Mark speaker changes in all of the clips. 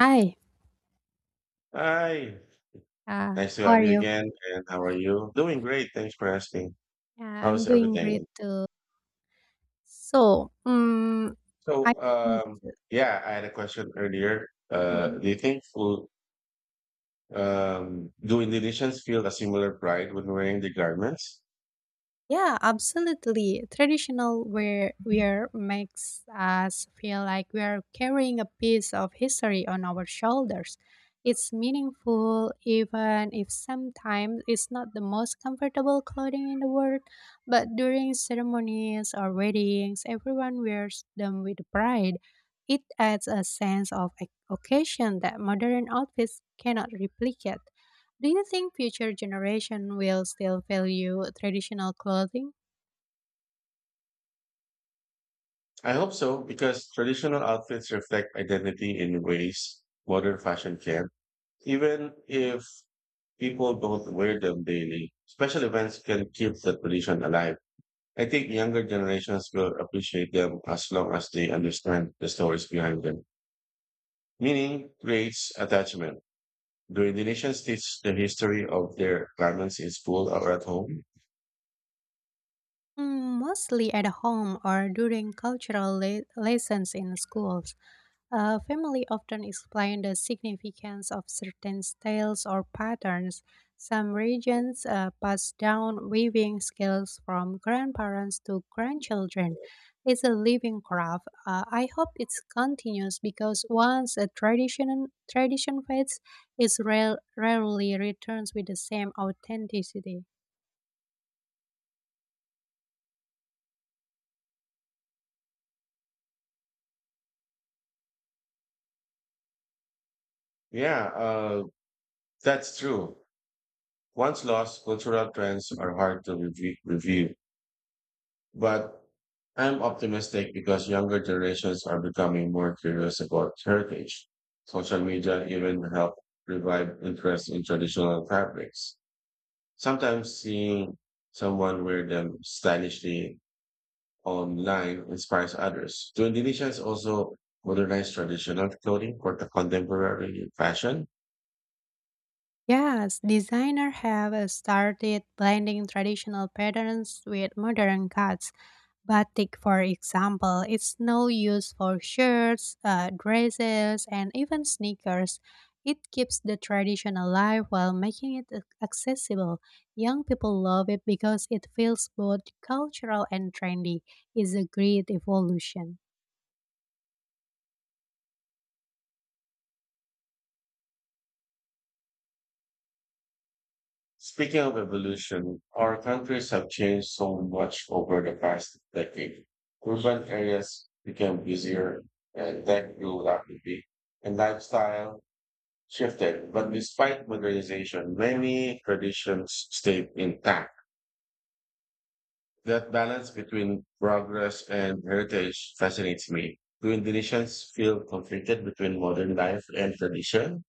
Speaker 1: Hi,
Speaker 2: Hi,
Speaker 1: uh,
Speaker 2: nice to
Speaker 1: how
Speaker 2: have
Speaker 1: are
Speaker 2: you
Speaker 1: you?
Speaker 2: again. And how are you? Doing great. Thanks for asking.
Speaker 1: Yeah, I'm
Speaker 2: How's
Speaker 1: doing great
Speaker 2: everything?
Speaker 1: too. So, I
Speaker 2: So,
Speaker 1: want
Speaker 2: yeah, I had a question earlier.
Speaker 1: Mhm.
Speaker 2: Do you think food, do Indonesians feel a similar pride when wearing their garments?
Speaker 1: Yeah, absolutely. Traditional wear makes us feel like we are carrying a piece of history on our shoulders. It's meaningful, even if sometimes it's not the most comfortable clothing in the world. But during ceremonies or weddings, everyone wears them with pride. It adds a sense of occasion that modern outfits cannot replicate. Do you think future generation will still value traditional clothing?
Speaker 2: I hope so, because traditional outfits reflect identity in ways modern fashion can. Even if people don't wear them daily, special events can keep the tradition alive. I think younger generations will appreciate them as long as they understand the stories behind them. Meaning creates attachment. Do Indonesians teach the history of their garments in school or at home?
Speaker 1: Mm, mostly at home or during cultural lessons in schools. A family often explain the significance of certain styles or patterns. Some regions pass down weaving skills from grandparents to grandchildren. It's a living craft. I hope it continues because once a tradition fades, it rarely returns with the same authenticity.
Speaker 2: Yeah, that's true. Once lost, cultural trends are hard to review. But I'm optimistic because younger generations are becoming more curious about heritage. Social media even help revive interest in traditional fabrics. Sometimes seeing someone wear them stylishly online inspires others. Do Indonesians also modernize traditional clothing for the contemporary fashion?
Speaker 1: Yes, designers have started blending traditional patterns with modern cuts. Batik, for example, is now used for shirts, dresses, and even sneakers. It keeps the tradition alive while making it accessible. Young people love it because it feels both cultural and trendy. It's a great evolution.
Speaker 2: Speaking of evolution, our countries have changed so much over the past decade. Urban areas became busier and tech grew rapidly, and lifestyle shifted. But despite modernization, many traditions stayed intact. That balance between progress and heritage fascinates me. Do Indonesians feel conflicted between modern life and tradition?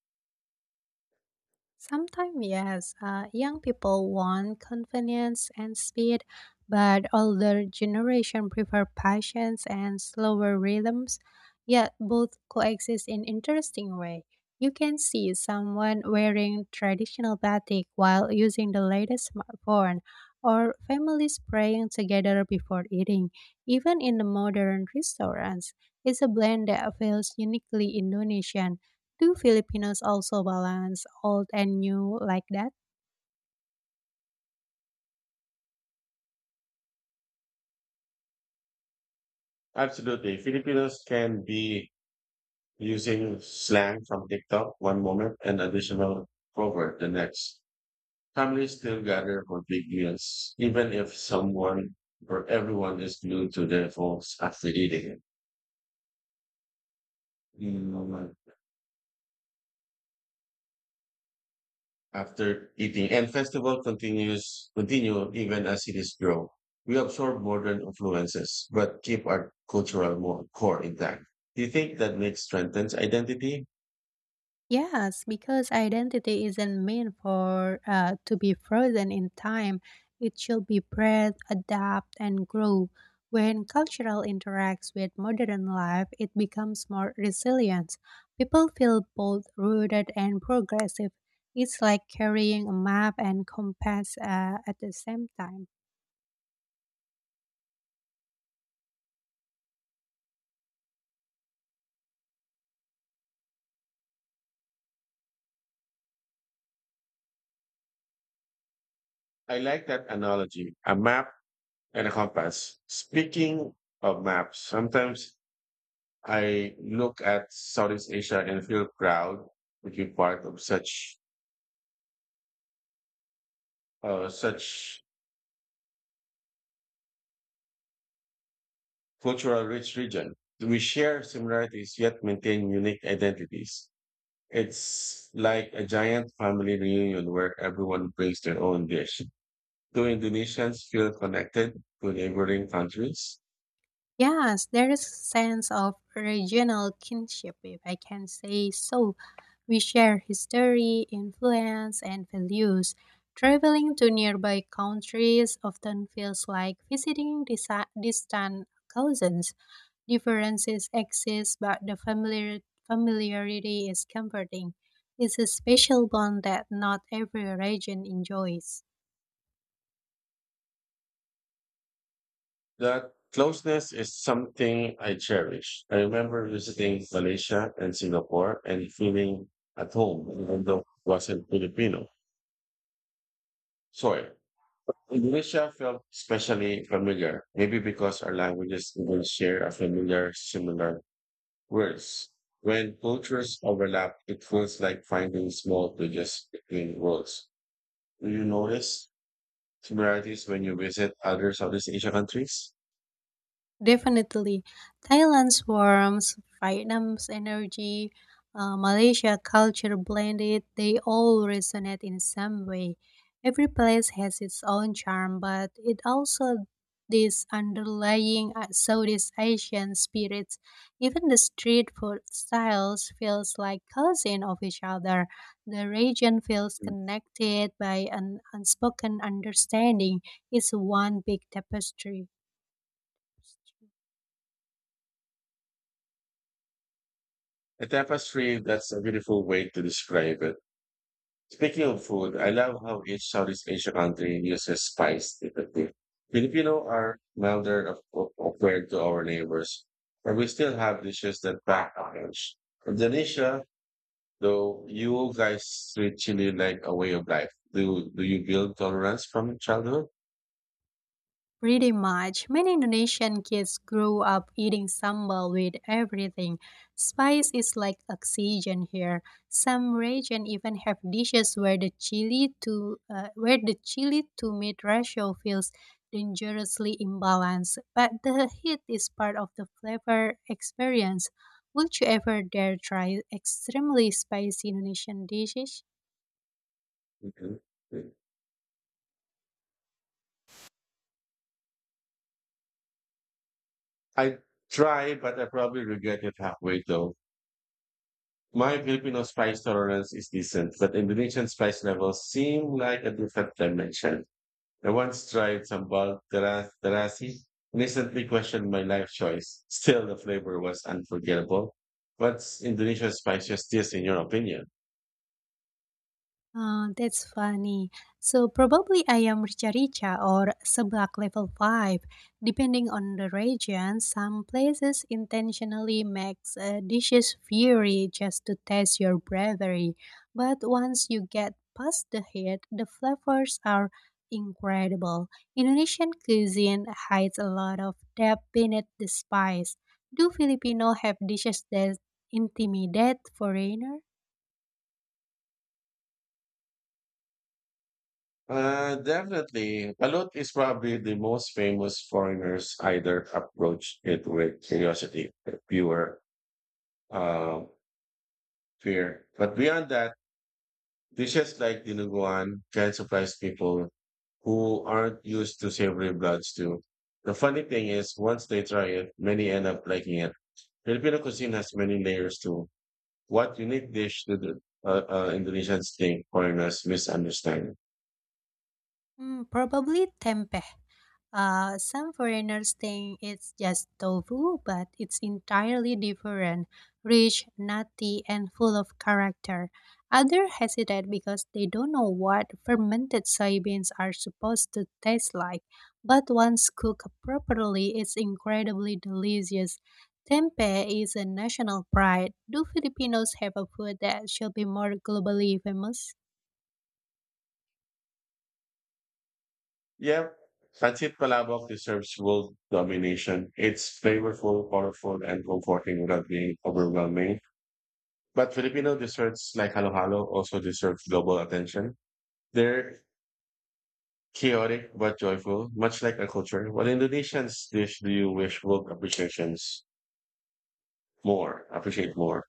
Speaker 1: Sometimes, yes, young people want convenience and speed, but older generation prefer patience and slower rhythms. Yet both coexist in interesting way. You can see someone wearing traditional batik while using the latest smartphone, or families praying together before eating. Even in the modern restaurants, it's a blend that feels uniquely Indonesian. Do Filipinos also balance old and new like that?
Speaker 2: Absolutely. Filipinos can be using slang from TikTok one moment and additional proverb the next. Families still gather for big meals, even if someone or everyone is glued to their phones after eating. Mm, and festival continue even as cities grow. We absorb modern influences, but keep our cultural core intact. Do you think that makes strengthens identity?
Speaker 1: Yes, because identity isn't meant for to be frozen in time. It should be bred, adapt, and grow. When cultural interacts with modern life, it becomes more resilient. People feel both rooted and progressive. It's like carrying a map and compass at the same time.
Speaker 2: I like that analogy, a map and a compass. Speaking of maps, sometimes I look at Southeast Asia and feel proud to be part of such cultural rich region. We share similarities yet maintain unique identities. It's like a giant family reunion where everyone brings their own dish. Do Indonesians feel connected to neighboring countries?
Speaker 1: Yes, there is a sense of regional kinship, if I can say so. We share history, influence, and values. Traveling to nearby countries often feels like visiting distant cousins. Differences exist, but the familiarity is comforting. It's a special bond that not every region enjoys.
Speaker 2: That closeness is something I cherish. I remember visiting Malaysia and Singapore and feeling at home, even though I wasn't Filipino. Sorry. Indonesia felt especially familiar, maybe because our languages even share a similar words. When cultures overlap, it feels like finding small bridges between worlds. Do you notice similarities when you visit other Southeast Asia countries?
Speaker 1: Definitely. Thailand's warmth, Vietnam's energy, Malaysia culture blended, they all resonate in some way. Every place has its own charm, but it also this underlying Southeast Asian spirits. Even the street food styles feels like cousin of each other. The region feels
Speaker 2: Mm.
Speaker 1: connected by an unspoken understanding. It's one big tapestry.
Speaker 2: A tapestry, that's a beautiful way to describe it. Speaking of food, I love how each Southeast Asia country uses spice differently. Filipino are milder of to our neighbors, but we still have dishes that pack back orange. Indonesia, though, you guys treat chili like a way of life. Do you build tolerance from childhood?
Speaker 1: Pretty much, many Indonesian kids grow up eating sambal with everything. Spice is like oxygen here. Some regions even have dishes where the chili to meat ratio feels dangerously imbalanced, but the heat is part of the flavor experience. Would you ever dare try extremely spicy Indonesian dishes?
Speaker 2: Mhm. I try, but I probably regret it halfway though. My Filipino spice tolerance is decent, but Indonesian spice levels seem like a different dimension. I once tried sambal terasi and instantly questioned my life choice. Still, the flavor was unforgettable. What's Indonesia's spiciest dish in your opinion?
Speaker 1: Aw, that's funny. So probably ayam rica-rica or seblak level 5. Depending on the region, some places intentionally makes dishes fiery just to test your bravery. But once you get past the heat, the flavors are incredible. Indonesian cuisine hides a lot of depth beneath the spice. Do Filipino have dishes that intimidate foreigners?
Speaker 2: Definitely. Balut is probably the most famous. Foreigners either approach it with curiosity, pure uh, fear. But beyond that, dishes like dinuguan can surprise people who aren't used to savory bloods too. The funny thing is, once they try it, many end up liking it. Filipino cuisine has many layers too. What unique dish do the Indonesians think foreigners misunderstand?
Speaker 1: Mm, probably tempeh. Some foreigners think it's just tofu, but it's entirely different, rich, nutty, and full of character. Others hesitate because they don't know what fermented soybeans are supposed to taste like, but once cooked properly, it's incredibly delicious. Tempeh is a national pride. Do Filipinos have a food that should be more globally famous?
Speaker 2: Yeah, pancit palabok deserves world domination. It's flavorful, colorful, and comforting without being overwhelming. But Filipino desserts like halo-halo also deserve global attention. They're chaotic but joyful, much like our culture. What Indonesians dish do you wish would appreciations more? appreciate more?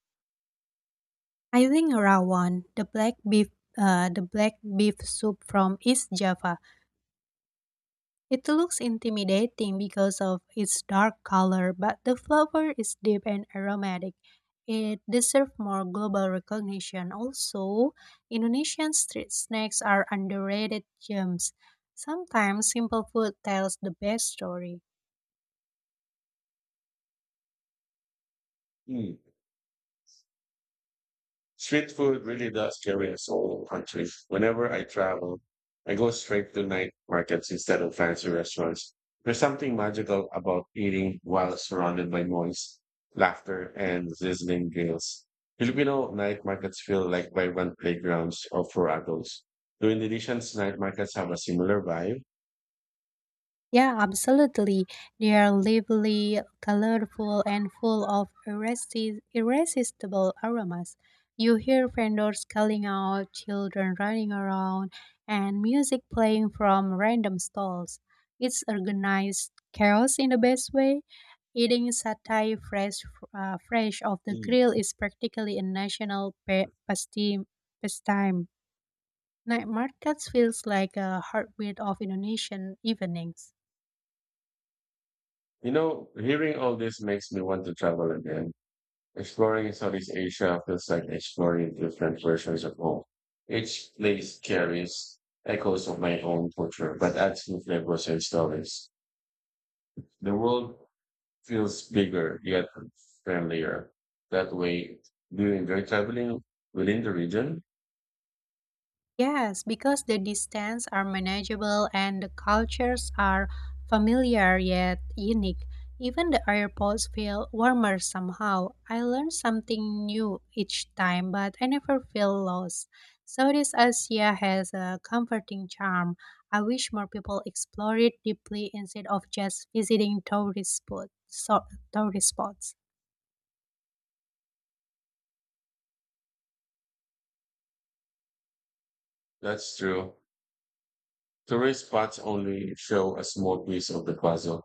Speaker 1: I think rawon, the black beef soup from East Java. It looks intimidating because of its dark color, but the flavor is deep and aromatic. It deserves more global recognition. Also, Indonesian street snacks are underrated gems. Sometimes simple food tells the best story.
Speaker 2: Hmm. Street food really does carry a soul country. Whenever I travel, I go straight to night markets instead of fancy restaurants. There's something magical about eating while surrounded by noise, laughter, and sizzling grills. Filipino night markets feel like vibrant playgrounds or for adults. Do Indonesians night markets have a similar vibe?
Speaker 1: Yeah, absolutely. They are lively, colorful, and full of irresistible aromas. You hear vendors calling out, children running around, and music playing from random stalls. It's organized chaos in the best way. Eating satay fresh off the
Speaker 2: Mm.
Speaker 1: grill is practically a national pastime. Night markets feels like a heartbeat of Indonesian evenings.
Speaker 2: Hearing all this makes me want to travel again. Exploring Southeast Asia feels like exploring different versions of home. Each place carries echoes of my own culture, but adds new flavors and stories. The world feels bigger yet friendlier. That way, do you enjoy traveling within the region?
Speaker 1: Yes, because the distance are manageable and the cultures are familiar yet unique. Even the airports feel warmer somehow. I learn something new each time, but I never feel lost. Southeast Asia has a comforting charm. I wish more people explore it deeply instead of just visiting tourist spots.
Speaker 2: That's true. Tourist spots only show a small piece of the puzzle.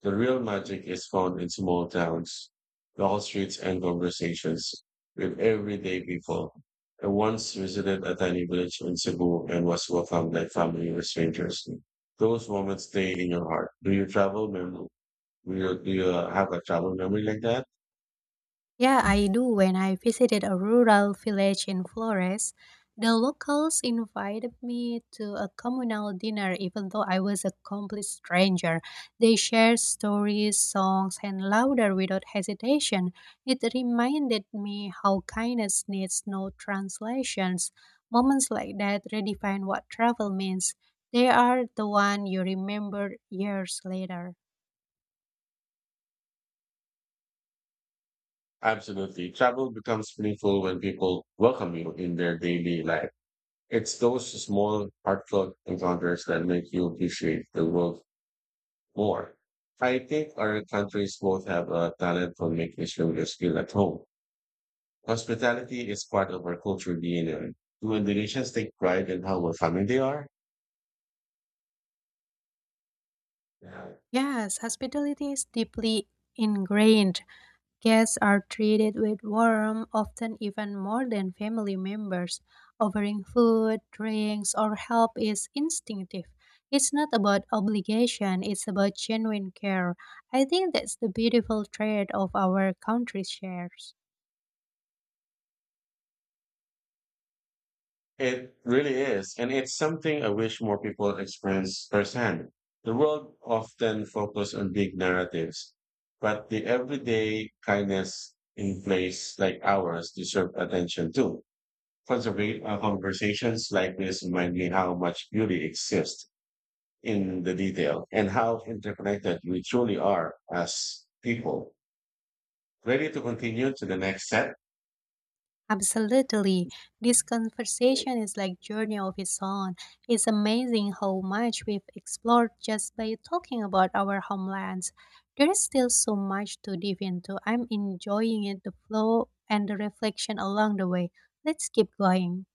Speaker 2: The real magic is found in small towns, long streets, and conversations with everyday people. I once visited a tiny village in Cebu and was welcomed by family or strangers. Those moments stay in your heart. Do you travel memory? Do you have a travel memory like that?
Speaker 1: Yeah, I do. When I visited a rural village in Flores, the locals invited me to a communal dinner, even though I was a complete stranger. They shared stories, songs, and laughter without hesitation. It reminded me how kindness needs no translations. Moments like that redefine what travel means. They are the one you remember years later.
Speaker 2: Absolutely. Travel becomes meaningful when people welcome you in their daily life. It's those small, heartfelt encounters that make you appreciate the world more. I think our countries both have a talent for making sure you're at home. Hospitality is part of our culture DNA. Do Indonesians take pride in how welcoming they are? Yeah.
Speaker 1: Yes, hospitality is deeply ingrained. Guests are treated with warmth, often even more than family members. Offering food, drinks, or help is instinctive. It's not about obligation, it's about genuine care. I think that's the beautiful trait of our country shares.
Speaker 2: It really is. And it's something I wish more people experience firsthand. The world often focuses on big narratives, but the everyday kindness in place like ours deserve attention too. Conversations like this remind me how much beauty exists in the detail and how interconnected we truly are as people. Ready to continue to the next set?
Speaker 1: Absolutely. This conversation is like journey of its own. It's amazing how much we've explored just by talking about our homelands. There is still so much to dive into. I'm enjoying it, the flow and the reflection along the way. Let's keep going.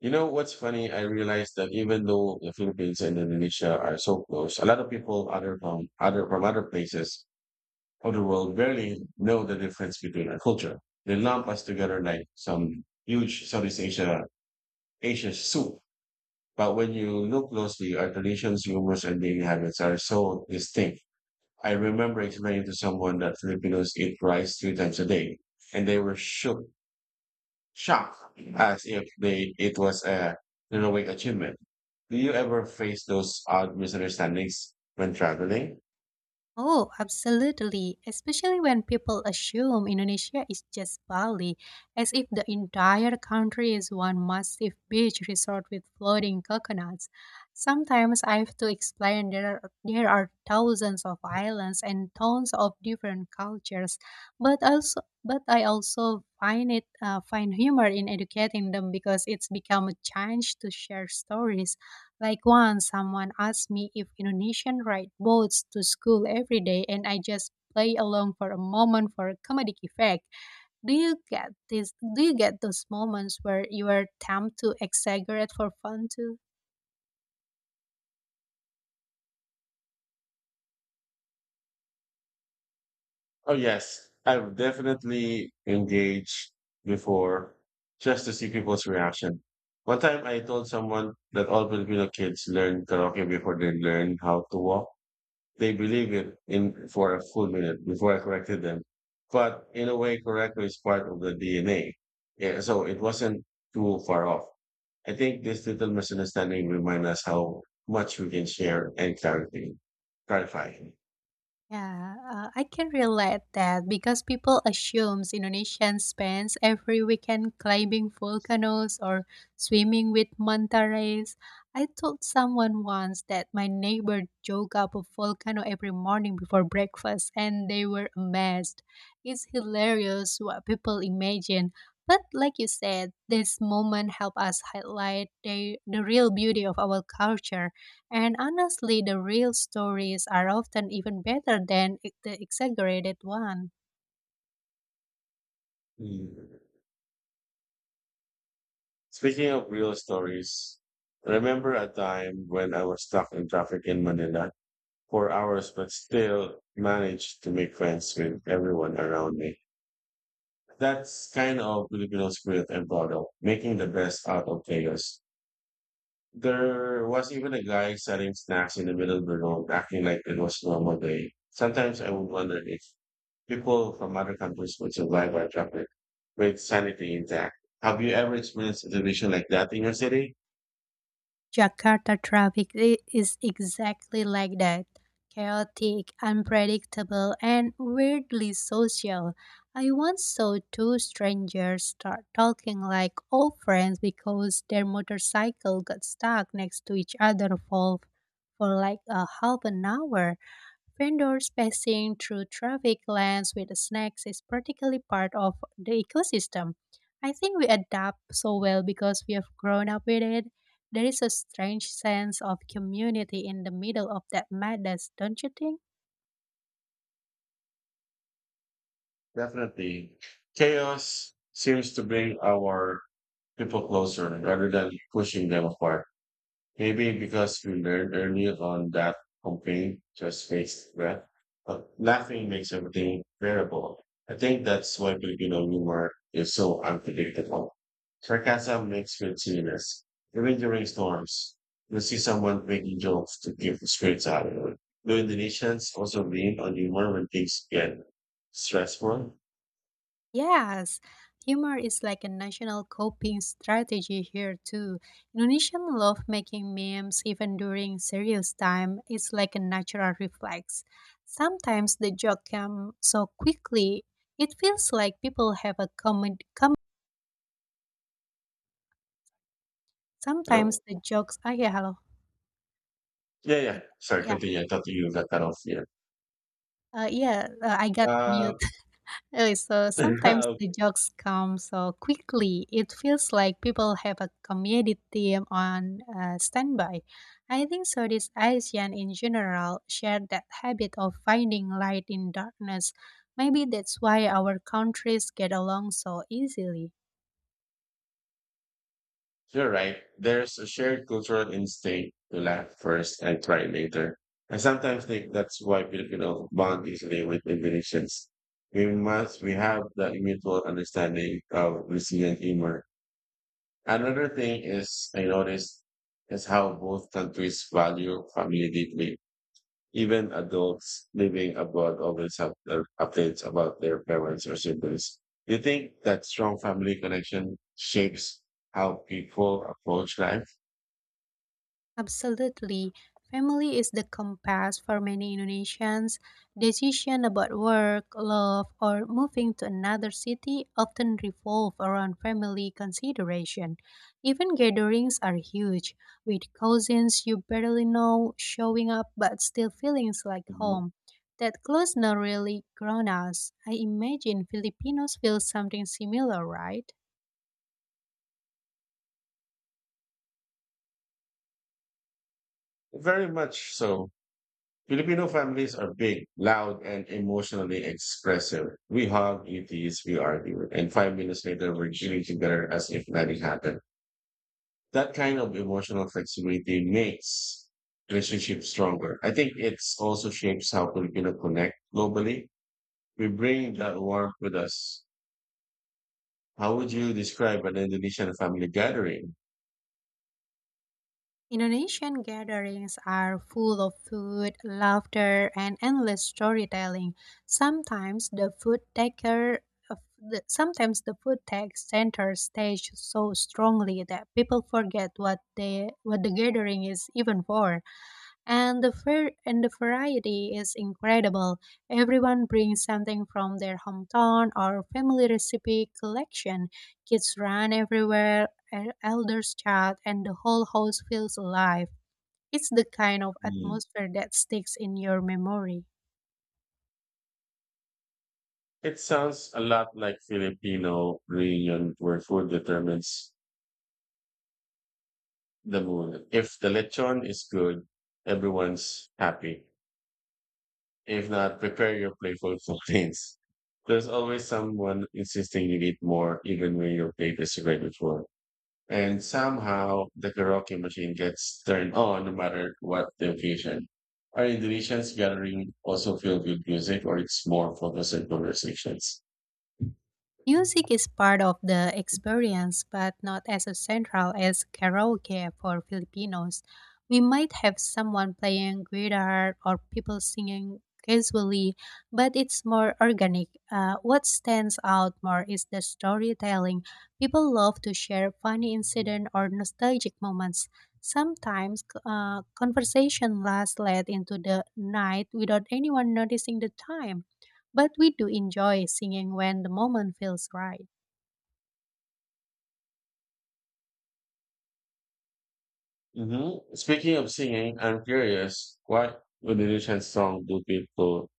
Speaker 2: You know what's funny? I realized that even though the Philippines and Indonesia are so close, a lot of people other from other from other places of the world barely know the difference between our culture. They lump us together like some huge Southeast Asia soup. But when you look closely, our traditions, humors, and daily habits are so distinct. I remember explaining to someone that Filipinos eat rice 3 times a day, and they were shocked, as if they it was a heroic achievement. Do you ever face those odd misunderstandings when traveling?
Speaker 1: Oh, absolutely. Especially when people assume Indonesia is just Bali, as if the entire country is one massive beach resort with floating coconuts. Sometimes I have to explain there are thousands of islands and tons of different cultures, but I also find it find humor in educating them because it's become a chance to share stories like once someone asked me if Indonesian ride boats to school every day and I just play along for a moment for a comedic effect. Do you get those moments where you are tempted to exaggerate for fun too?
Speaker 2: Oh yes, I've definitely engaged before just to see people's reaction. One time I told someone that all Filipino kids learn karaoke before they learn how to walk. They believed it in for a full minute before I corrected them. But in a way, correct is part of the DNA. Yeah, so it wasn't too far off. I think this little misunderstanding remind us how much we can share and clarify.
Speaker 1: Yeah, I can relate that because people assumes Indonesians spends every weekend climbing volcanoes or swimming with manta rays. I told someone once that my neighbor joke up a volcano every morning before breakfast, and they were amazed. It's hilarious what people imagine, but like you said, this moment help us highlight the real beauty of our culture. And honestly, the real stories are often even better than the exaggerated one.
Speaker 2: Mm. Speaking of real stories, remember a time when I was stuck in traffic in Manila for hours, but still managed to make friends with everyone around me. That's kind of Filipino spirit and bottle, making the best out of chaos. There was even a guy selling snacks in the middle of the road, acting like it was normal day. Sometimes I would wonder if people from other countries would survive by traffic with sanity intact. Have you ever experienced a situation like that in your city?
Speaker 1: Jakarta traffic is exactly like that chaotic, unpredictable, and weirdly social. I once saw two strangers start talking like old friends because their motorcycle got stuck next to each other for like a half an hour. Vendors passing through traffic lanes with snacks is practically part of the ecosystem. I think we adapt so well because we have grown up with it. There is a strange sense of community in the middle of that madness, don't you think?
Speaker 2: Definitely. Chaos seems to bring our people closer rather than pushing them apart. Maybe because we learned early on that complaint just makes breath, but laughing makes everything bearable. I think that's why Filipino humor is so unpredictable. Sarcasm makes good serious, even during storms. You see someone making jokes to give the spirits out of it. Do Indonesians also lean on humor when things get stressful?
Speaker 1: Yes, humor is like a national coping strategy here too. Indonesians love making memes even during serious time. It's like a natural reflex. Sometimes the joke comes so quickly, it feels like people have a common. Sometimes
Speaker 2: Hello?
Speaker 1: the jokes. Ah, yeah, hello.
Speaker 2: Yeah, yeah.
Speaker 1: I,
Speaker 2: Sorry,
Speaker 1: yeah,
Speaker 2: continue. I thought you got that off here.
Speaker 1: yeah. I got
Speaker 2: Uh,
Speaker 1: mute. Okay, so sometimes the jokes come so quickly. It feels like people have a comedy team on standby. I think Southeast Asian in general share that habit of finding light in darkness. Maybe that's why our countries get along so easily.
Speaker 2: You're right. There's a shared cultural instinct to laugh first and cry later. I sometimes think that's why Filipinos bond easily with Indonesians. We have that mutual understanding of resilient humor. Another thing is, I noticed, is how both countries value family deeply. Even adults living abroad always have their updates about their parents or siblings. Do you think that strong family connection shapes how people approach life?
Speaker 1: Absolutely. Family is the compass for many Indonesians. Decision about work, love, or moving to another city often revolve around family consideration. Even gatherings are huge, with cousins you barely know showing up but still feelings like
Speaker 2: Mhm.
Speaker 1: home. That closeness really ground us. I imagine Filipinos feel something similar, right?
Speaker 2: Very much so. Filipino families are big, loud, and emotionally expressive. We hug, we tease, we argue, and 5 minutes later, we're chilling together as if nothing happened. That kind of emotional flexibility makes relationships stronger. I think it's also shapes how Filipino connect globally. We bring that warmth with us. How would you describe an Indonesian family gathering?
Speaker 1: Indonesian gatherings are full of food, laughter, and endless storytelling. Sometimes the food taker sometimes the food takes center stage so strongly that people forget what the gathering is even for. And the fair and the variety is incredible. Everyone brings something from their hometown or family recipe collection. Kids run everywhere, elders chat, and the whole house feels alive. It's the kind of
Speaker 2: Hmm.
Speaker 1: atmosphere that sticks in your memory.
Speaker 2: It sounds a lot like Filipino reunion where food determines the mood. If the lechon is good, everyone's happy. If not, prepare your playful complaints. There's always someone insisting you eat more, even when your plate is already full. And somehow the karaoke machine gets turned on no matter what the occasion. Are Indonesians gathering also filled with music or it's more focused on conversations?
Speaker 1: Music is part of the experience, but not as central as karaoke for Filipinos. We might have someone playing guitar or people singing casually, but it's more organic. What stands out more is the storytelling. People love to share funny incident or nostalgic moments. Sometimes conversation lasts late into the night without anyone noticing the time. But we do enjoy singing when the moment feels right.
Speaker 2: Mm-hmm. Speaking of singing, I'm curious, what Indonesian song do people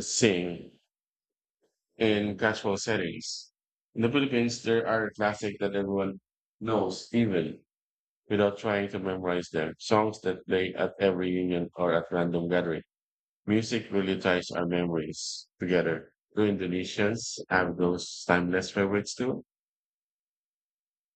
Speaker 2: sing in casual settings? In the Philippines, there are classics that everyone knows, even without trying to memorize them. Songs that play at every union or at random gathering. Music really ties our memories together. Do Indonesians have those timeless favorites too?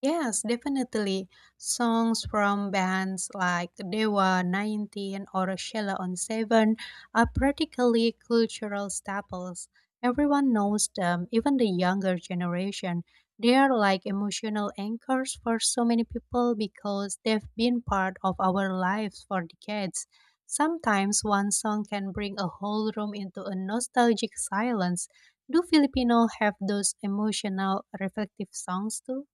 Speaker 1: Yes, definitely. Songs from bands like Dewa 19 or Sheila on 7 are practically cultural staples. Everyone knows them, even the younger generation. They are like emotional anchors for so many people because they've been part of our lives for decades. Sometimes one song can bring a whole room into a nostalgic silence. Do Filipino have those emotional, reflective songs too?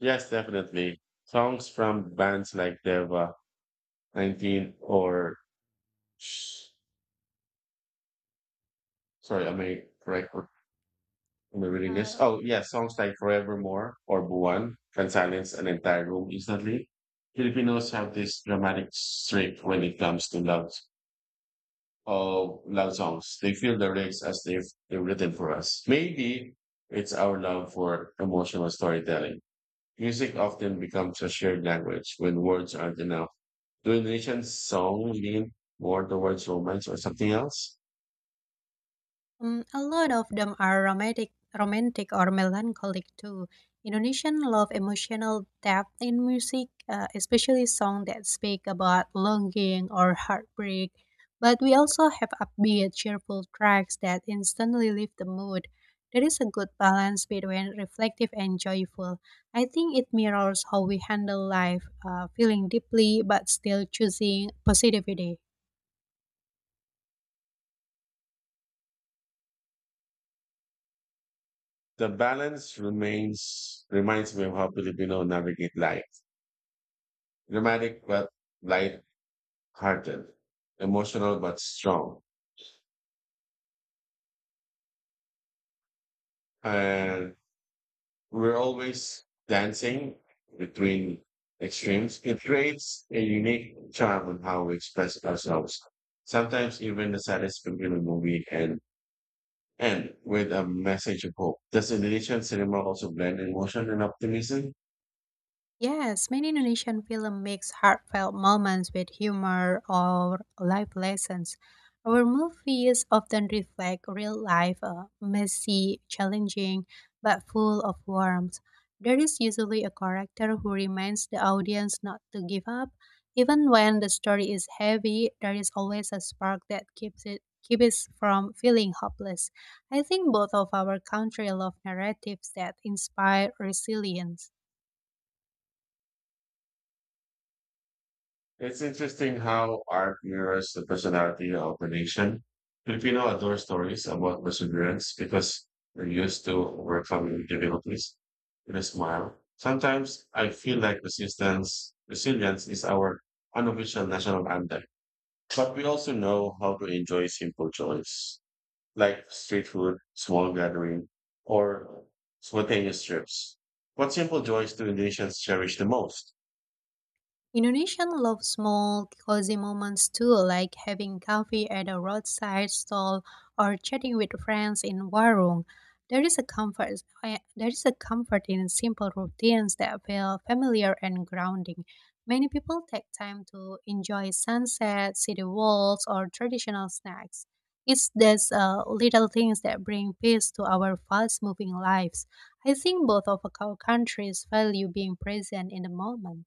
Speaker 2: Yes, definitely. Songs from bands like Deva 19 or, sh- sorry, am I correct? Am I reading this? Oh, yeah, songs like Forevermore or Buwan can silence an entire room instantly. Filipinos have this dramatic streak when it comes to love, of love songs. They feel the lyrics as if they're written for us. Maybe it's our love for emotional storytelling. Music often becomes a shared language when words aren't enough. Do a nation's song lean more towards romance or something else?
Speaker 1: Mm, a lot of them are romantic or melancholic too. Indonesian love emotional depth in music, especially songs that speak about longing or heartbreak. But we also have upbeat, cheerful tracks that instantly lift the mood. There is a good balance between reflective and joyful. I think it mirrors how we handle life, feeling deeply but still choosing positivity.
Speaker 2: The balance remains reminds me of how Filipino navigate life. Dramatic but light-hearted, emotional but strong, and we're always dancing between extremes. It creates a unique charm in how we express ourselves. Sometimes even the saddest popular movie and end with a message of hope. Does Indonesian cinema also blend emotion and optimism?
Speaker 1: Yes, many Indonesian film mix heartfelt moments with humor or life lessons. Our movies often reflect real life, messy, challenging, but full of warmth. There is usually a character who reminds the audience not to give up. Even when the story is heavy, there is always a spark that keeps us from feeling hopeless. I think both of our country love narratives that inspire resilience.
Speaker 2: It's interesting how art mirrors the personality of the nation. Filipino adore stories about perseverance because we're used to overcoming difficulties with a smile. Sometimes I feel like resilience is our unofficial national anthem, but we also know how to enjoy simple joys like street food, small gathering, or spontaneous trips. What simple joys do Indonesians cherish the most?
Speaker 1: Indonesians love small, cozy moments too, like having coffee at a roadside stall or chatting with friends in warung. There is there is a comfort in simple routines that feel familiar and grounding. Many people take time to enjoy sunset, city walks, or traditional snacks. It's these little things that bring peace to our fast-moving lives. I think both of our countries value being present in the moment.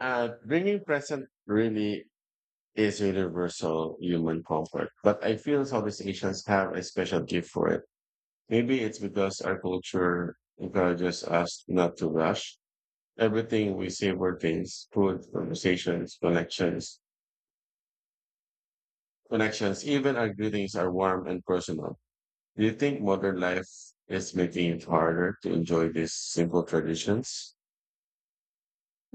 Speaker 2: Bringing present really is universal human comfort. But I feel Southeast Asians have a special gift for it. Maybe it's because our culture encourages us not to rush. Everything we savor things, food, conversations, connections, even our greetings are warm and personal. Do you think modern life is making it harder to enjoy these simple traditions?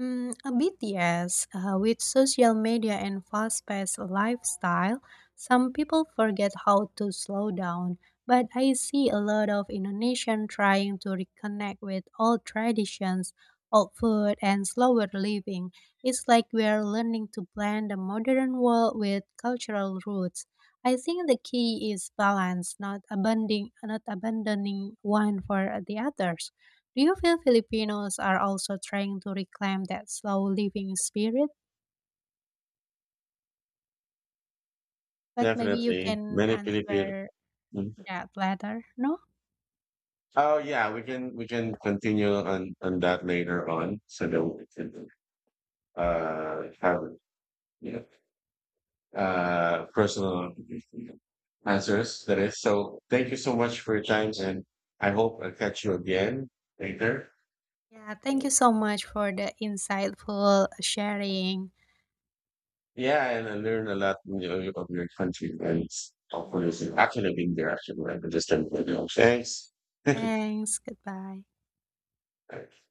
Speaker 1: Mm, a bit yes. With social media and fast-paced lifestyle, some people forget how to slow down. But I see a lot of Indonesian trying to reconnect with old traditions, old food, and slower living. It's like we're learning to blend the modern world with cultural roots. I think the key is balance, not abandoning one for the others. Do you feel Filipinos are also trying to reclaim that slow living spirit? But maybe you
Speaker 2: Definitely.
Speaker 1: can
Speaker 2: Many Filipino.
Speaker 1: answer
Speaker 2: Mm.
Speaker 1: that later, no?
Speaker 2: Oh yeah, we can continue on that later on. So that we can have you know, personal answers. That is, so thank you so much for your time, and I hope I'll catch you again later.
Speaker 1: Yeah, thank you so much for the insightful sharing.
Speaker 2: Yeah, and I learned a lot of your country and hopefully
Speaker 1: Yeah,
Speaker 2: I've actually been there actually. I just didn't know. Thanks.
Speaker 1: thanks. Goodbye.